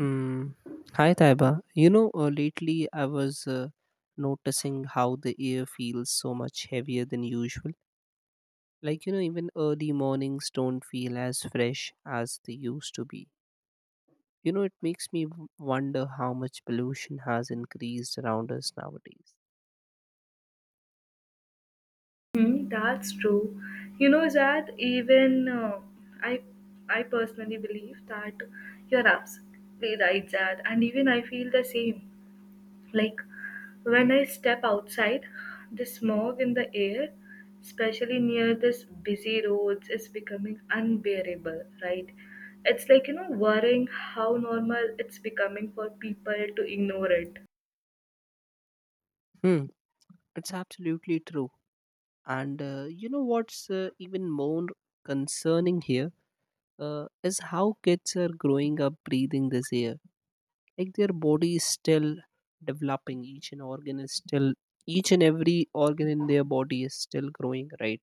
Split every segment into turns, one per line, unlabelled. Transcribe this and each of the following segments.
Mm. Hi, Taiba. Lately I was noticing how the air feels so much heavier than usual. Even early mornings don't feel as fresh as they used to be. It makes me wonder how much pollution has increased around us nowadays.
Hmm, that's true. You know, Zad, even I, I personally believe that you're absolutely right, Zad, and even I feel the same. Like when I step outside, the smog in the air, especially near this busy roads, is becoming unbearable, right? It's like, you know, worrying how normal it's becoming for people to ignore it.
Hmm, it's absolutely true. And you know what's even more concerning here is how kids are growing up breathing this air, like their body is still developing each and organ is still each and every organ in their body is still growing, right?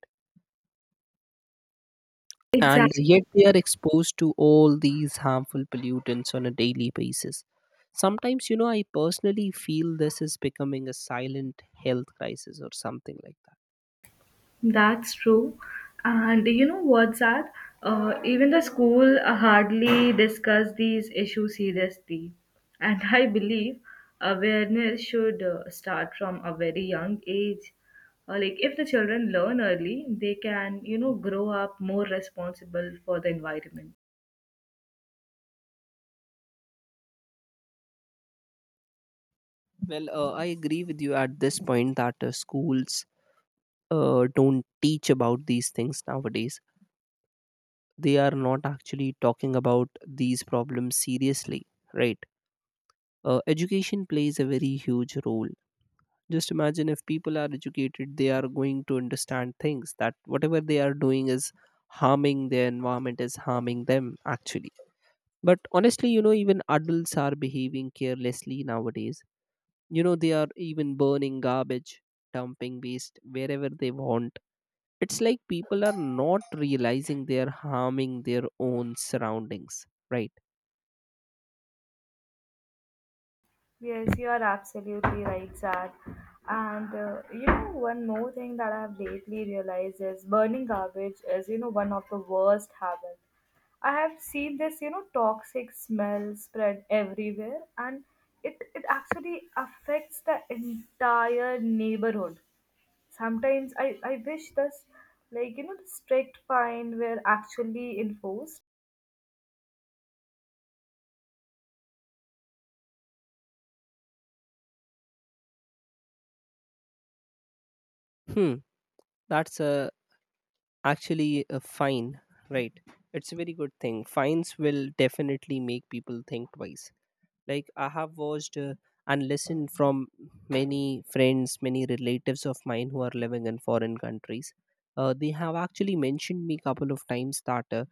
And
Exactly.
yet they are exposed to all these harmful pollutants on a daily basis. Sometimes, you know, I personally feel this is becoming a silent health crisis or something like that.
That's true. And you know what's that? Even the school hardly discuss these issues seriously. And I believe awareness should start from a very young age. Like if the children learn early, they can, you know, grow up more responsible for the environment.
Well, I agree with you at this point that schools don't teach about these things nowadays. They are not actually talking about these problems seriously, right? Education plays a very huge role. Just imagine, if people are educated, they are going to understand things, that whatever they are doing is harming their environment, is harming them actually. But honestly, you know, even adults are behaving carelessly nowadays. You know, they are even burning garbage, dumping waste wherever they want. It's like people are not realizing they are harming their own surroundings, right?
Yes, you are absolutely right, Zad. And you know, one more thing that I've lately realized is burning garbage is, you know, one of the worst habits. I have seen this, you know, toxic smell spread everywhere, and it actually affects the entire neighborhood. Sometimes I wish this, like you know, the strict fine were actually enforced.
Hmm, that's a actually a fine, right? It's a very good thing, fines will definitely make people think twice. Like, I have watched and listened from many friends, many relatives of mine who are living in foreign countries. They have actually mentioned me couple of times that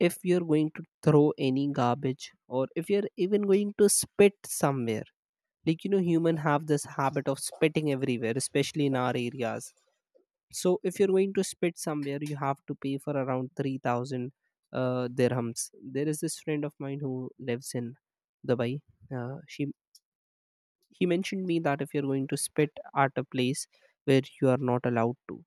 if you're going to throw any garbage, or if you're even going to spit somewhere, like, you know, human have this habit of spitting everywhere, especially in our areas. So if you're going to spit somewhere, you have to pay for around 3,000 dirhams. There is this friend of mine who lives in Dubai. She he mentioned me that if you're going to spit at a place where you are not allowed to,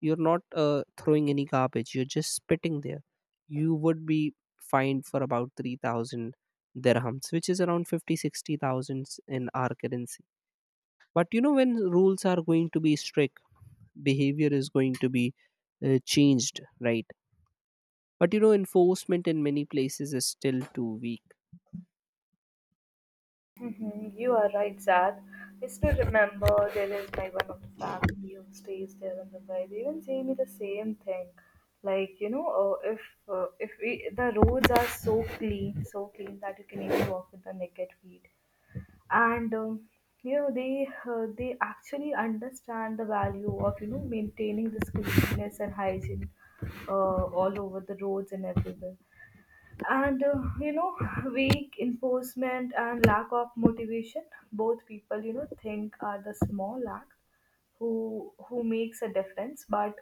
you're not throwing any garbage, you're just spitting there, you would be fined for about 3,000 dirhams, which is around 50, 60,000 in our currency. But you know, when rules are going to be strict, behavior is going to be changed, right? But you know, enforcement in many places is still too weak.
Mhm, you are right, Zad. I still remember there is my one of the family who stays there in Mumbai. They even say me the same thing, like you know, if we, the roads are so clean that you can even walk with the naked feet, and you know they actually understand the value of you know maintaining this cleanliness and hygiene all over the roads and everywhere, and you know, weak enforcement and lack of motivation, both people you know think are the small acts who makes a difference, but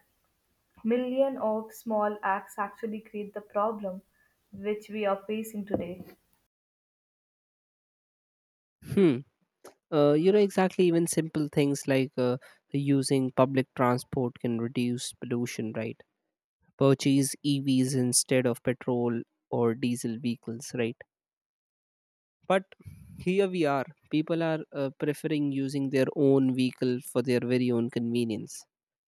million of small acts actually create the problem which we are facing today.
Hmm. You know, exactly, even simple things like using public transport can reduce pollution, right? Purchase EVs instead of petrol or diesel vehicles, right? But here we are, people are preferring using their own vehicle for their very own convenience.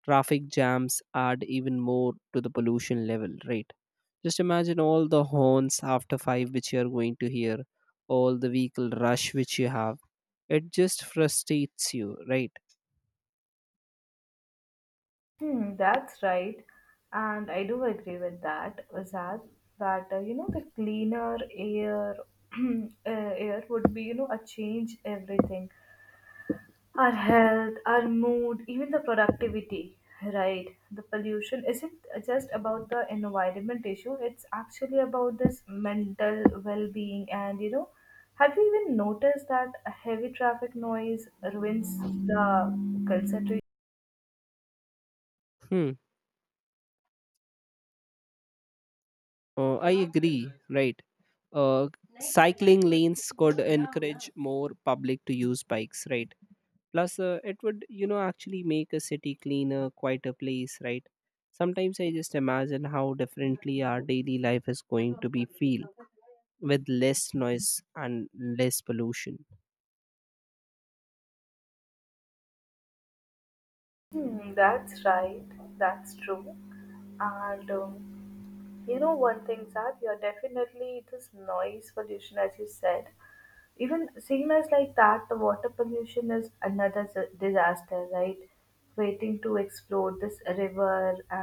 Traffic jams add even more to the pollution level, right? Just imagine all the horns after 5 which you are going to hear, all the vehicle rush which you have. It just frustrates you, right?
Hmm, that's right, and I do agree with that, Azad, that you know, the cleaner air air would be you know a change everything, our health, our mood, even the productivity, right? The pollution isn't just about the environment issue, it's actually about this mental well being. And you know, have you even noticed that a heavy traffic noise ruins the concentration?
Hmm. I agree, right? Uh, Cycling lanes could encourage more public to use bikes, right? Plus, it would, you know, actually make a city cleaner, quieter place, right? Sometimes I just imagine how differently our daily life is going to be feel with less noise and less pollution.
Hmm, that's right, that's true. And you know, one thing, that you're definitely this noise pollution, as you said. Even same as like that the water pollution is another disaster, right, waiting to explode. This river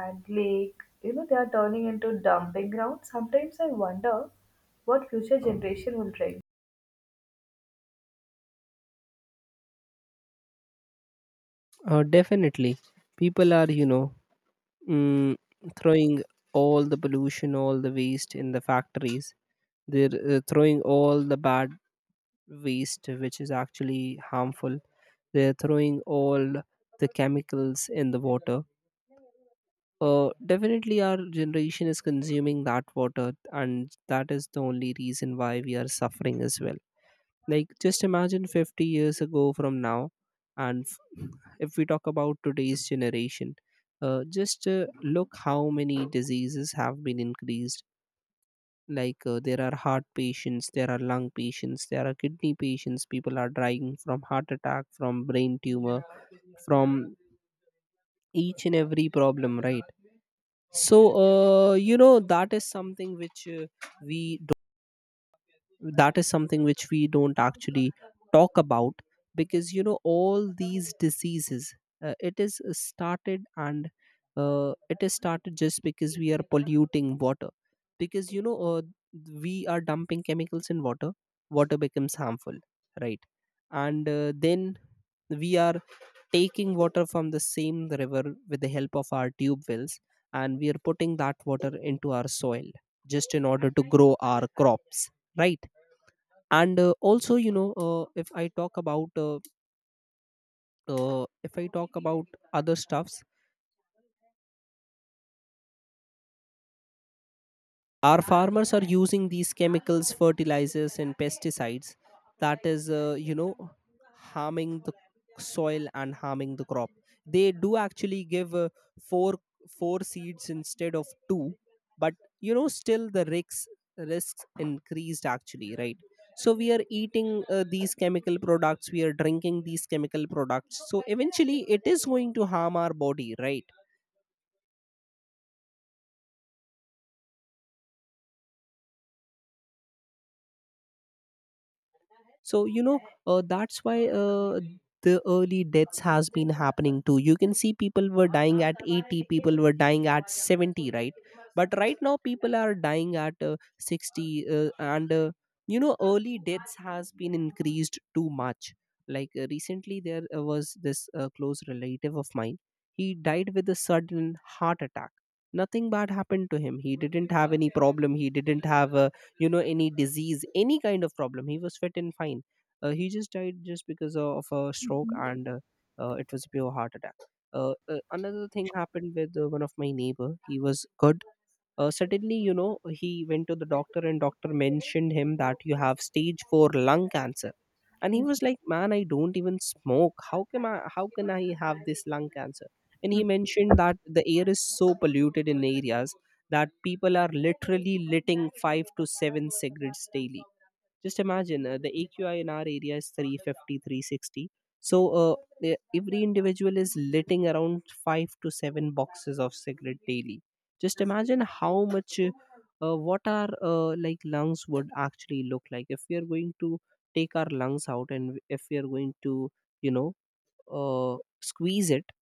and lake, you know they are turning into dumping grounds. Sometimes I wonder what future generation will bring.
Definitely. People are, you know, mm, throwing all the pollution, all the waste in the factories. They're throwing all the bad waste, which is actually harmful. They're throwing all the chemicals in the water. Definitely, our generation is consuming that water, and that is the only reason why we are suffering as well. Like, just imagine 50 years ago from now, and if we talk about today's generation, just look how many diseases have been increased. Like, there are heart patients, there are lung patients, there are kidney patients, people are dying from heart attack, from brain tumor, from each and every problem, right? So, you know, that is something which we that is something which we don't actually talk about, because you know, all these diseases, uh, it is started and it is started just because we are polluting water, because you know, we are dumping chemicals in water, water becomes harmful, right? And then we are taking water from the same river with the help of our tube wells, and we are putting that water into our soil just in order to grow our crops, right? And also, you know, if I talk about other stuffs, our farmers are using these chemicals, fertilizers and pesticides, that is, you know, harming the soil and harming the crop. They do actually give four four seeds instead of two, but you know, still the risks increased actually, right? So we are eating these chemical products, we are drinking these chemical products, so eventually it is going to harm our body, right? So you know, that's why, the early deaths has been happening too. You can see, people were dying at 80, people were dying at 70, right? But right now people are dying at 60, and you know, early deaths has been increased too much. Like, recently there was this close relative of mine, he died with a sudden heart attack. Nothing bad happened to him, he didn't have any problem, he didn't have a, you know, any disease, any kind of problem, he was fit and fine. He just died just because of a stroke, and it was a pure heart attack. Another thing happened with one of my neighbor, he was good. Suddenly, you know, he went to the doctor, and doctor mentioned him that you have stage 4 lung cancer, and he was like, man, I don't even smoke, how can I have this lung cancer? And he mentioned that the air is so polluted in areas that people are literally litting 5 to 7 cigarettes daily. Just imagine, the AQI in our area is 350, 360. So every individual is litting around 5 to 7 boxes of cigarette daily. Just imagine how much, what our like lungs would actually look like, if we are going to take our lungs out, and if we are going to, you know, uh, squeeze it,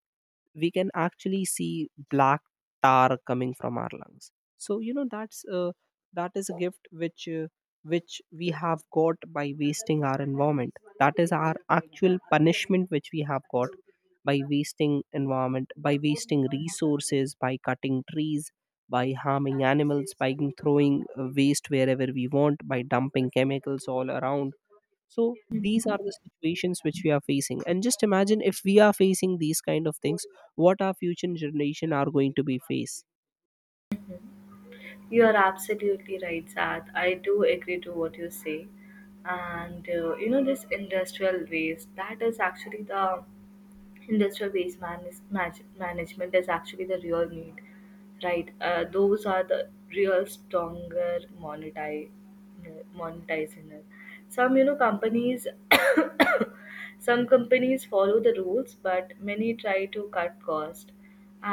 we can actually see black tar coming from our lungs. So you know, that is a gift which we have got by wasting our environment. That is our actual punishment which we have got by wasting environment, by wasting resources, by cutting trees, by harming animals, by throwing waste wherever we want, by dumping chemicals all around. So these are the situations which we are facing, and just imagine, if we are facing these kind of things, what our future generation are going to be face.
You are absolutely right, Sad. I do agree to what you say. And you know, this industrial waste, that is actually the industrial waste management is actually the real need, right? Those are the real stronger monetize monetizing it. Some you know companies some companies follow the rules but many try to cut cost,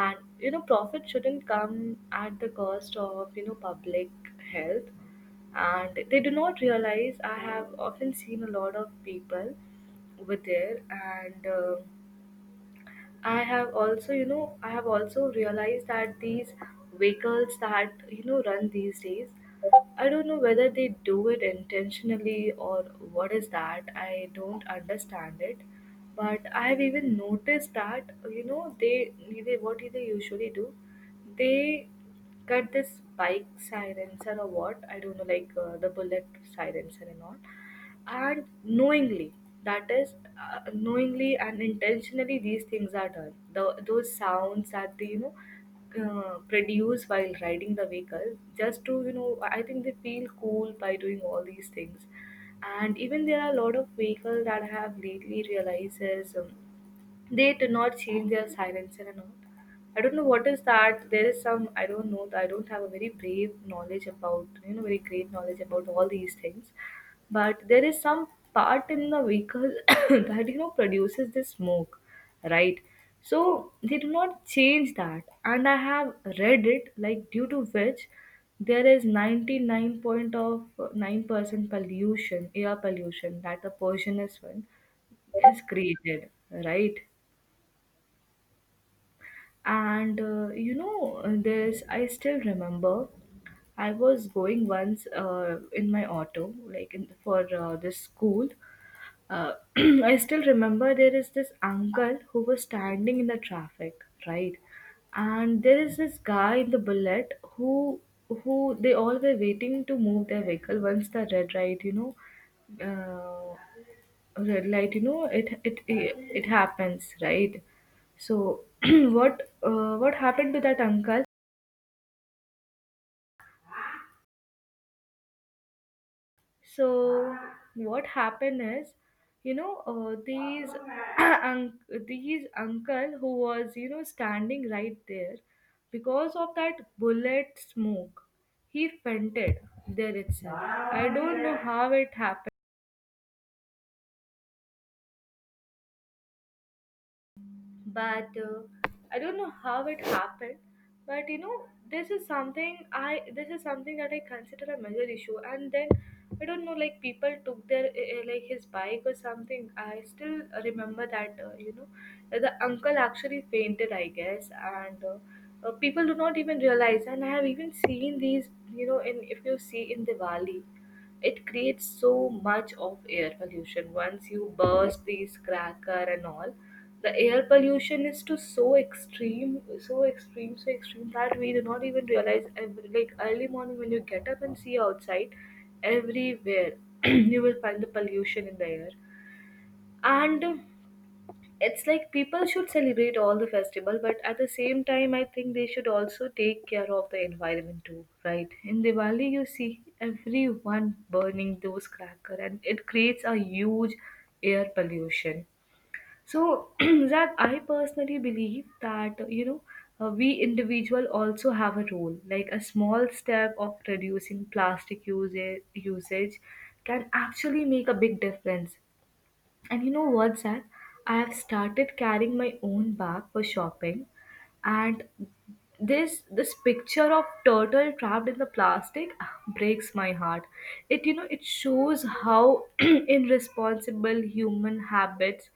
and you know profit shouldn't come at the cost of you know public health. And they do not realize. I have often seen a lot of people over there. And I have also, you know, I have also realized that these vehicles that, you know, run these days, I don't know whether they do it intentionally or what is that. I don't understand it. But I have even noticed that, you know, they what do they usually do? They cut this bike silencer or what? I don't know, like the bullet silencer and all, and knowingly, that is, knowingly and intentionally these things are done. The, those sounds that they you know produce while riding the vehicle, just to you know I think they feel cool by doing all these things. And even there are a lot of vehicles that I have lately realized is they do not change their silencer and all. I don't know what is that. There is some I don't know. I don't have a very brave knowledge about you know very great knowledge about all these things, but there is some part in the vehicle that you know produces the smoke, right? So they do not change that, and I have read it like due to which there is 99 point of 9% pollution, air pollution, that the person is one is created, right? And you know, this I still remember, I was going once in my auto, like in, for this school. uh, I still remember there is this uncle who was standing in the traffic, right? And there is this guy in the bullet who they all were waiting to move their vehicle once the red light, you know, uh, red light, you know, it happens, right? So what happened to that uncle? So what happened is, you know, these un- these uncle who was you know standing right there, because of that bullet smoke, he fainted there itself. I don't know how it happened. But I don't know how it happened, but you know this is something that I consider a major issue. And then I don't know, like people took their like his bike or something. I still remember that you know, the uncle actually fainted I guess. And people do not even realize. And I have even seen these you know in, if you see in Diwali, it creates so much of air pollution once you burst these cracker and all. The air pollution is to so extreme, so extreme, so extreme that we do not even realize. Every, like early morning when you get up and see outside, everywhere you will find the pollution in the air, and it's like people should celebrate all the festival, but at the same time, I think they should also take care of the environment too, right? In Diwali, you see everyone burning those cracker, and it creates a huge air pollution. So, Zach, I personally believe that, you know, we individual also have a role. Like a small step of reducing plastic usage can actually make a big difference. And you know what, Zach? I have started carrying my own bag for shopping, and this picture of turtle trapped in the plastic breaks my heart. It you know it shows how irresponsible human habits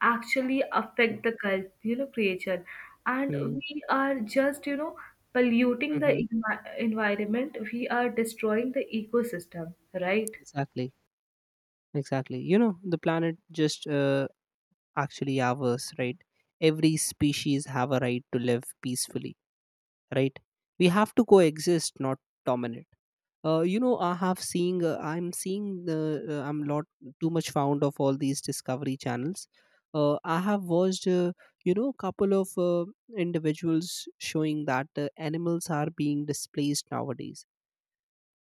actually affect the cult, you know, creature. And
Mm,
we are just, you know, polluting the
mhm.
environment. We are destroying the ecosystem, right?
Exactly. Exactly. You know, the planet just actually ours, right? Every species have a right to live peacefully, right? We have to coexist, not dominate. I'm seeing the, I'm lot too much fond of all these discovery channels. I have watched, you know, couple of individuals showing that animals are being displaced nowadays.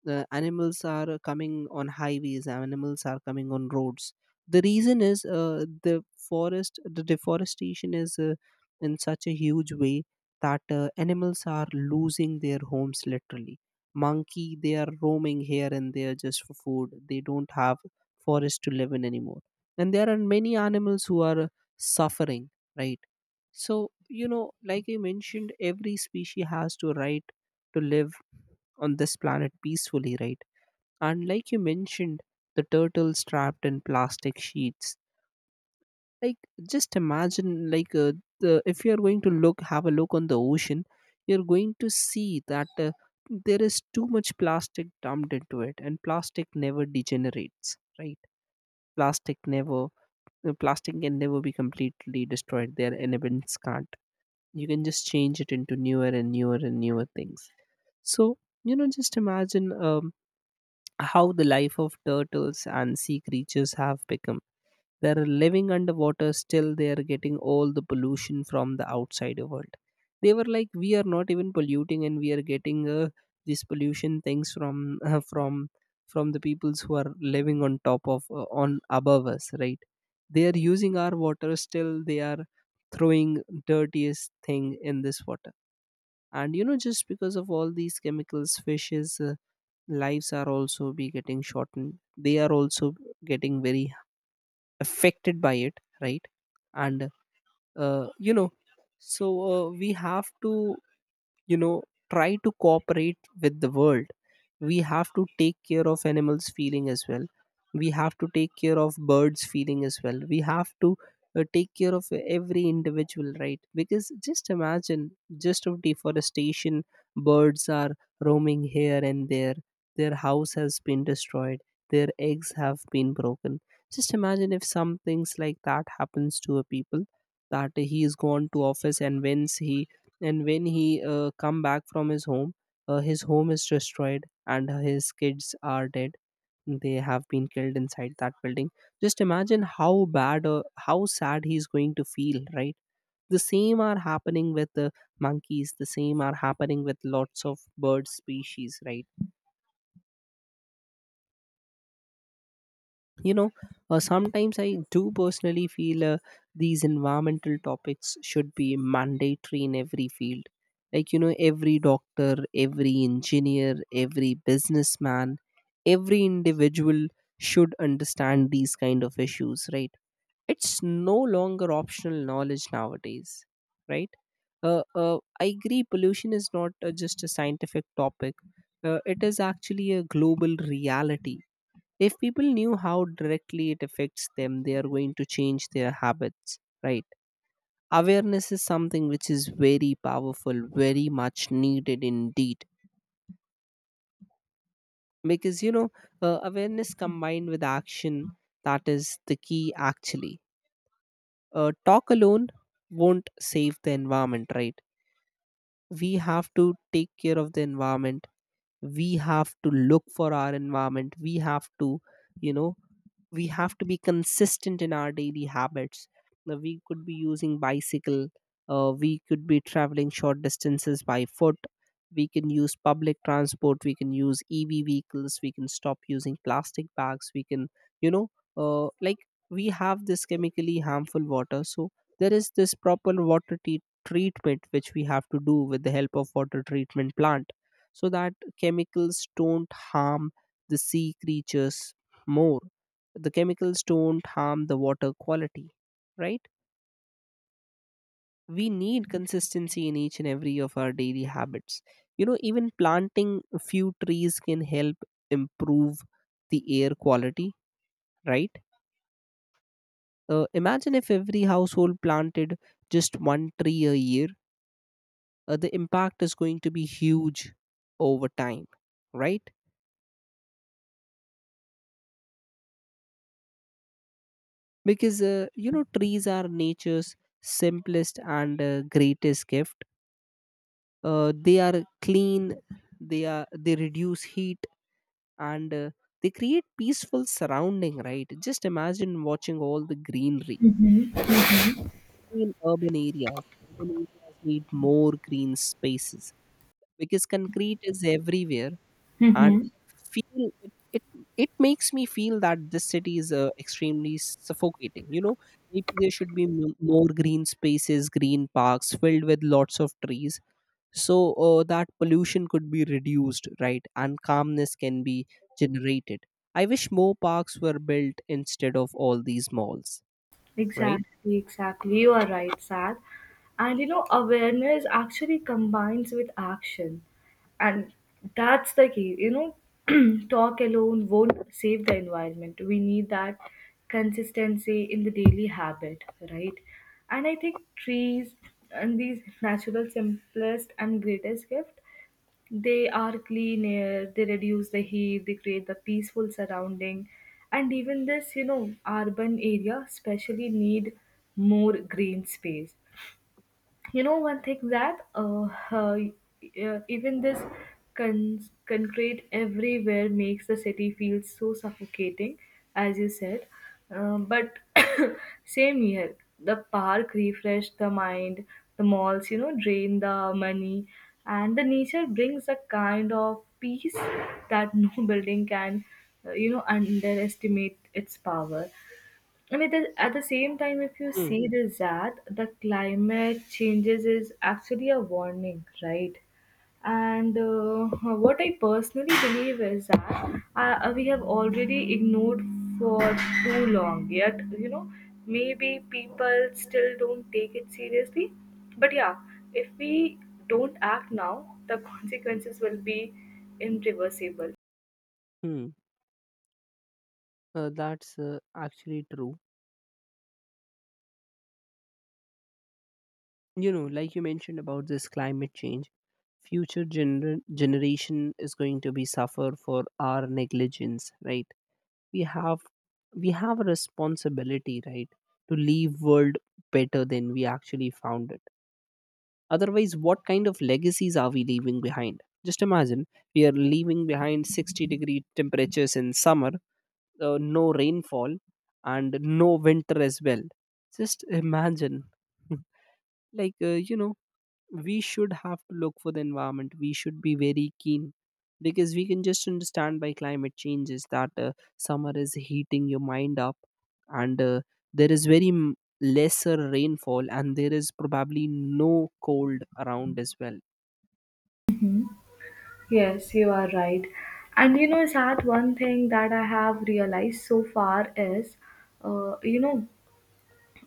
Animals are coming on highways, animals are coming on roads. The reason is, the deforestation is in such a huge way that animals are losing their homes, literally. Monkey, they are roaming here and there just for food, they don't have forest to live in anymore. And there are many animals who are suffering, right? So you know, like I mentioned, every species has to right to live on this planet peacefully, right? And like you mentioned, the turtles trapped in plastic sheets. Like, just imagine, like, if you are going to look, have a look on the ocean, you're going to see that there is too much plastic dumped into it, and plastic never degenerates, right? Plastic never, plastic can never be completely destroyed. Their elements can't. You can just change it into newer and newer and newer things. So you know, just imagine. How the life of turtles and sea creatures have become. They're living underwater, still they are getting all the pollution from the outside world. They were like, we are not even polluting, and we are getting this pollution things from from from the peoples who are living on top of on above us, right? They are using our water, still they are throwing dirtiest thing in this water. And you know, just because of all these chemicals, fishes. Lives are also be getting shortened, they are also getting very affected by it, right? and you know so We have to you know try to cooperate with the world. We have to take care of animals feeling as well, we have to take care of birds feeling as well, we have to take care of every individual, right? Because just imagine, just of deforestation, birds are roaming here and there, their house has been destroyed, their eggs have been broken. Just imagine if some things like that happens to a people, that he is gone to office and when he come back from his home, his home is destroyed and his kids are dead, they have been killed inside that building. Just imagine how bad, how sad he's going to feel, right? The same are happening with the monkeys, the same are happening with lots of bird species, right? you know Sometimes I do personally feel these environmental topics should be mandatory in every field. Every doctor, every engineer, every businessman, every individual should understand these kind of issues, right? It's no longer optional knowledge nowadays, right? I agree, pollution is not just a scientific topic, it is actually a global reality. If people knew how directly it affects them, they are going to change their habits, right? Awareness is something which is very powerful, very much needed indeed. Because you know Awareness combined with action, that is the key. Actually, talk alone won't save the environment, right? We have to take care of the environment, we have to look for our environment, we have to, you know we have to be consistent in our daily habits. Now, we could be using bicycle, we could be traveling short distances by foot, we can use public transport, we can use ev vehicles, we can stop using plastic bags, we can, you know uh, like we have this chemically harmful water. So there is this proper treatment which we have to do with the help of water treatment plant, so that chemicals don't harm the sea creatures more, the chemicals don't harm the water quality, right? We need consistency in each and every of our daily habits. You know, even planting a few trees can help improve the air quality, right? Imagine if every household planted just one tree a year, the impact is going to be huge over time, right? Because trees are nature's simplest and greatest gift. They are clean, they reduce heat, and they create peaceful surrounding, right? Just imagine watching all the greenery
Mm-hmm.
in urban areas. Urban areas need more green spaces because concrete is everywhere. And
Mm-hmm.
feel it, it it makes me feel that this city is extremely suffocating, you know? Maybe there should be more green spaces, green parks filled with lots of trees, so that pollution could be reduced, right? And calmness can be generated. I wish more parks were built instead of all these malls. Right.
Exactly, exactly. You are right, Sad. And you know, awareness actually combines with action. And that's the key. You know, talk alone won't save the environment. We need that consistency in the daily habit, right? And I think trees and these natural simplest and greatest gift, they are clean air, they reduce the heat, they create the peaceful surrounding. And even this, you know, urban area especially need more green space. You know, one thing that even this con- concrete everywhere makes the city feel so suffocating, as you said. But same here, the park refresh the mind, the malls you know drain the money, and the nature brings a kind of peace that no building can you know underestimate its power. I mean, the, at the same time, if you
Hmm.
see this, that the climate changes is actually a warning, right? And what I personally believe is that we have already ignored for too long. Yet, you know, maybe people still don't take it seriously. But yeah, if we don't act now, the consequences will be irreversible.
Hmm. That's actually true. You know, like you mentioned about this climate change, future generation is going to be suffer for our negligence, right? We have we have a responsibility, right, to leave world better than we actually found it. Otherwise, what kind of legacies are we leaving behind? Just imagine, we are leaving behind 60-degree temperatures in summer, no rainfall, and no winter as well. Just imagine. like, uh, you know, we should have to look for the environment, we should be very keen, because we can just understand by climate changes that summer is heating your mind up, and there is very lesser rainfall, and there is probably no cold around as well.
Mhm. Yes, you are right. And you know, Sad, one thing that I have realized so far is, you know,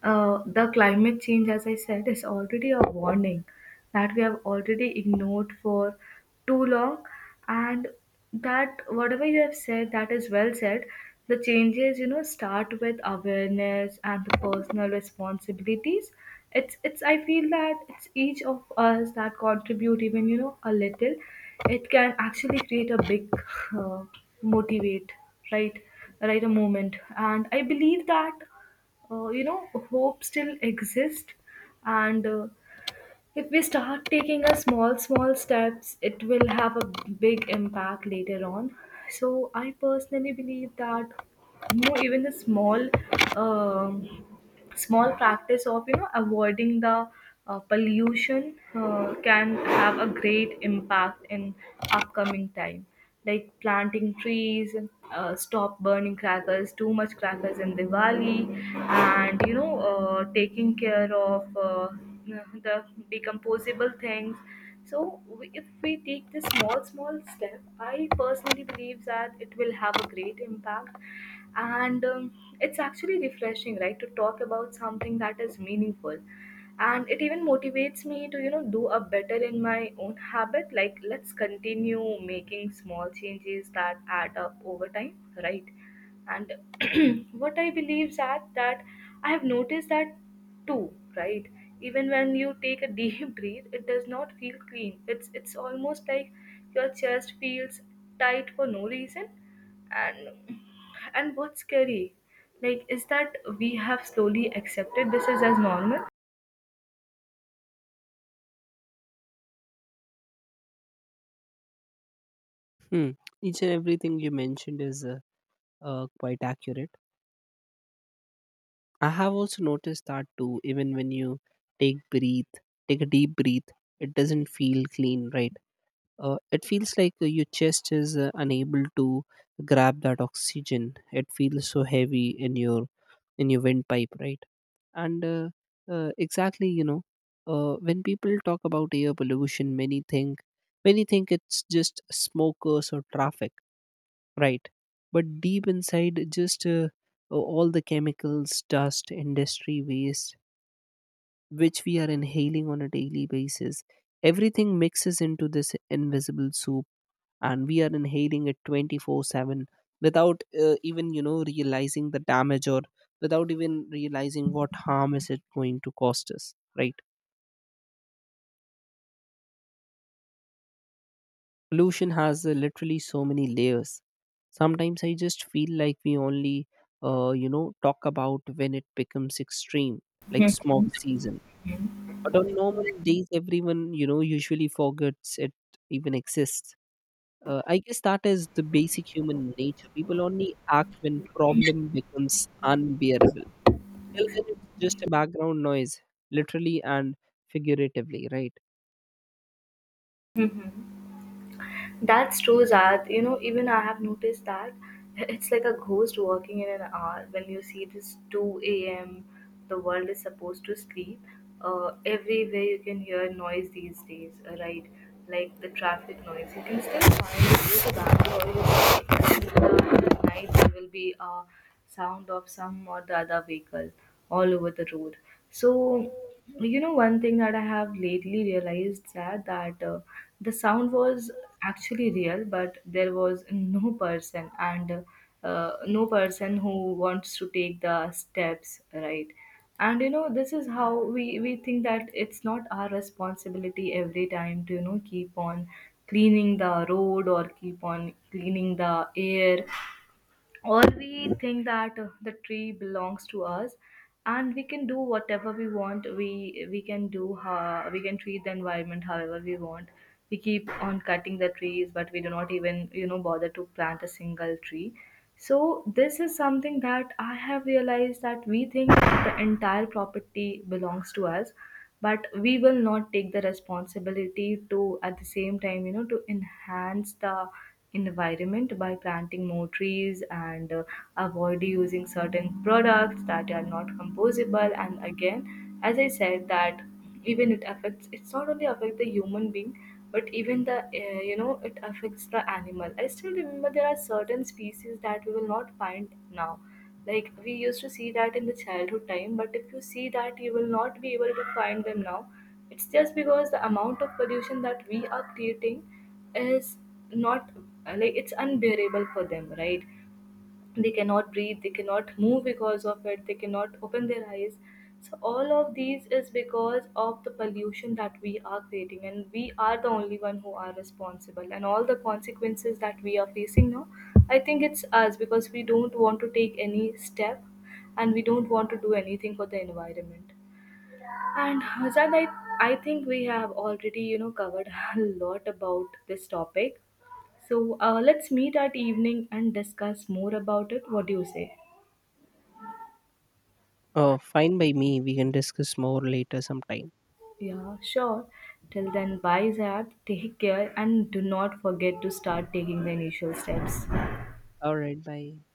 the climate change, as I said, is already a warning that we have already ignored for too long. And that, whatever you have said, that is well said. The changes, you know, start with awareness and the personal responsibilities. It's, it's. I feel that it's each of us that contribute even, you know, a little. It can actually create a big uh, motivate, right, right, a moment. And I believe that you know hope still exists, and if we start taking a small small steps, it will have a big impact later on. So I personally believe that you know, even the small um small practice of you know avoiding the pollution can have a great impact in upcoming time, like planting trees, stop burning crackers, too much crackers in Diwali, and you know, taking care of the decomposable things. So, we, if we take this small, small step, I personally believe that it will have a great impact. And it's actually refreshing, right, to talk about something that is meaningful, and it even motivates me to you know do a better in my own habit. Like let's continue making small changes that add up over time, right? And what I believe that that I have noticed that too, right? Even when you take a deep breath it does not feel clean. It's almost like your chest feels tight for no reason. and and what's scary, like, is that we have slowly accepted this is as normal.
Hmm. Each and everything you mentioned is quite accurate. I have also noticed that too. Even when you take breathe take a deep breath, it doesn't feel clean, right? It feels like your chest is unable to grab that oxygen, it feels so heavy in your, in your windpipe, right? And exactly, you know, when people talk about air pollution, many think it's just smokers or traffic, right? But deep inside, just all the chemicals, dust, industry waste which we are inhaling on a daily basis, everything mixes into this invisible soup, and we are inhaling it 24/7 without even, you know, realizing the damage, or without even realizing what harm is it going to cost us, right? Pollution has literally so many layers. Sometimes I just feel like we only talk about when it becomes extreme, like smog season, but on normal days everyone, you know, usually forgets it even exists. I guess that is the basic human nature. People only act when problem becomes unbearable. Till then, it's just a background noise, literally and figuratively, right?
Hmm. That's true, Zad. You know, even I have noticed that it's like a ghost walking in an hour. When you see this 2 a.m., the world is supposed to sleep. Everywhere you can hear noise these days, right? Like the traffic noise. You can still find it in the Bangalore at night. There will be a sound of some or the other vehicle all over the road. So, you know, one thing that I have lately realized that the sound was actually real, but there was no person, and no person who wants to take the steps, right? And you know this is how we think that it's not our responsibility every time to you know keep on cleaning the road or keep on cleaning the air, or we think that the tree belongs to us and we can do whatever we want. We can do how we can treat the environment however we want. We keep on cutting the trees but we do not even you know bother to plant a single tree. So this is something that I have realized, that we think that the entire property belongs to us, but we will not take the responsibility to at the same time, you know, to enhance the environment by planting more trees and avoid using certain products that are not composable. And again, as I said that, even it affects, it's not only affect the human being but even the you know it affects the animal. I still remember there are certain species that we will not find now, like we used to see that in the childhood time, but if you see that you will not be able to find them now. It's just because the amount of pollution that we are creating is not like it's unbearable for them, right? They cannot breathe, they cannot move because of it, they cannot open their eyes. So all of these is because of the pollution that we are creating, and we are the only one who are responsible, and all the consequences that we are facing now, I think it's us because we don't want to take any step and we don't want to do anything for the environment. And Hazad, I think we have already, you know, covered a lot about this topic. So let's meet at evening and discuss more about it. What do you say?
Fine by me. We can discuss more later sometime.
Yeah, sure. Till then, bye, Zab. Take care and do not forget to start taking the initial steps.
All right, bye.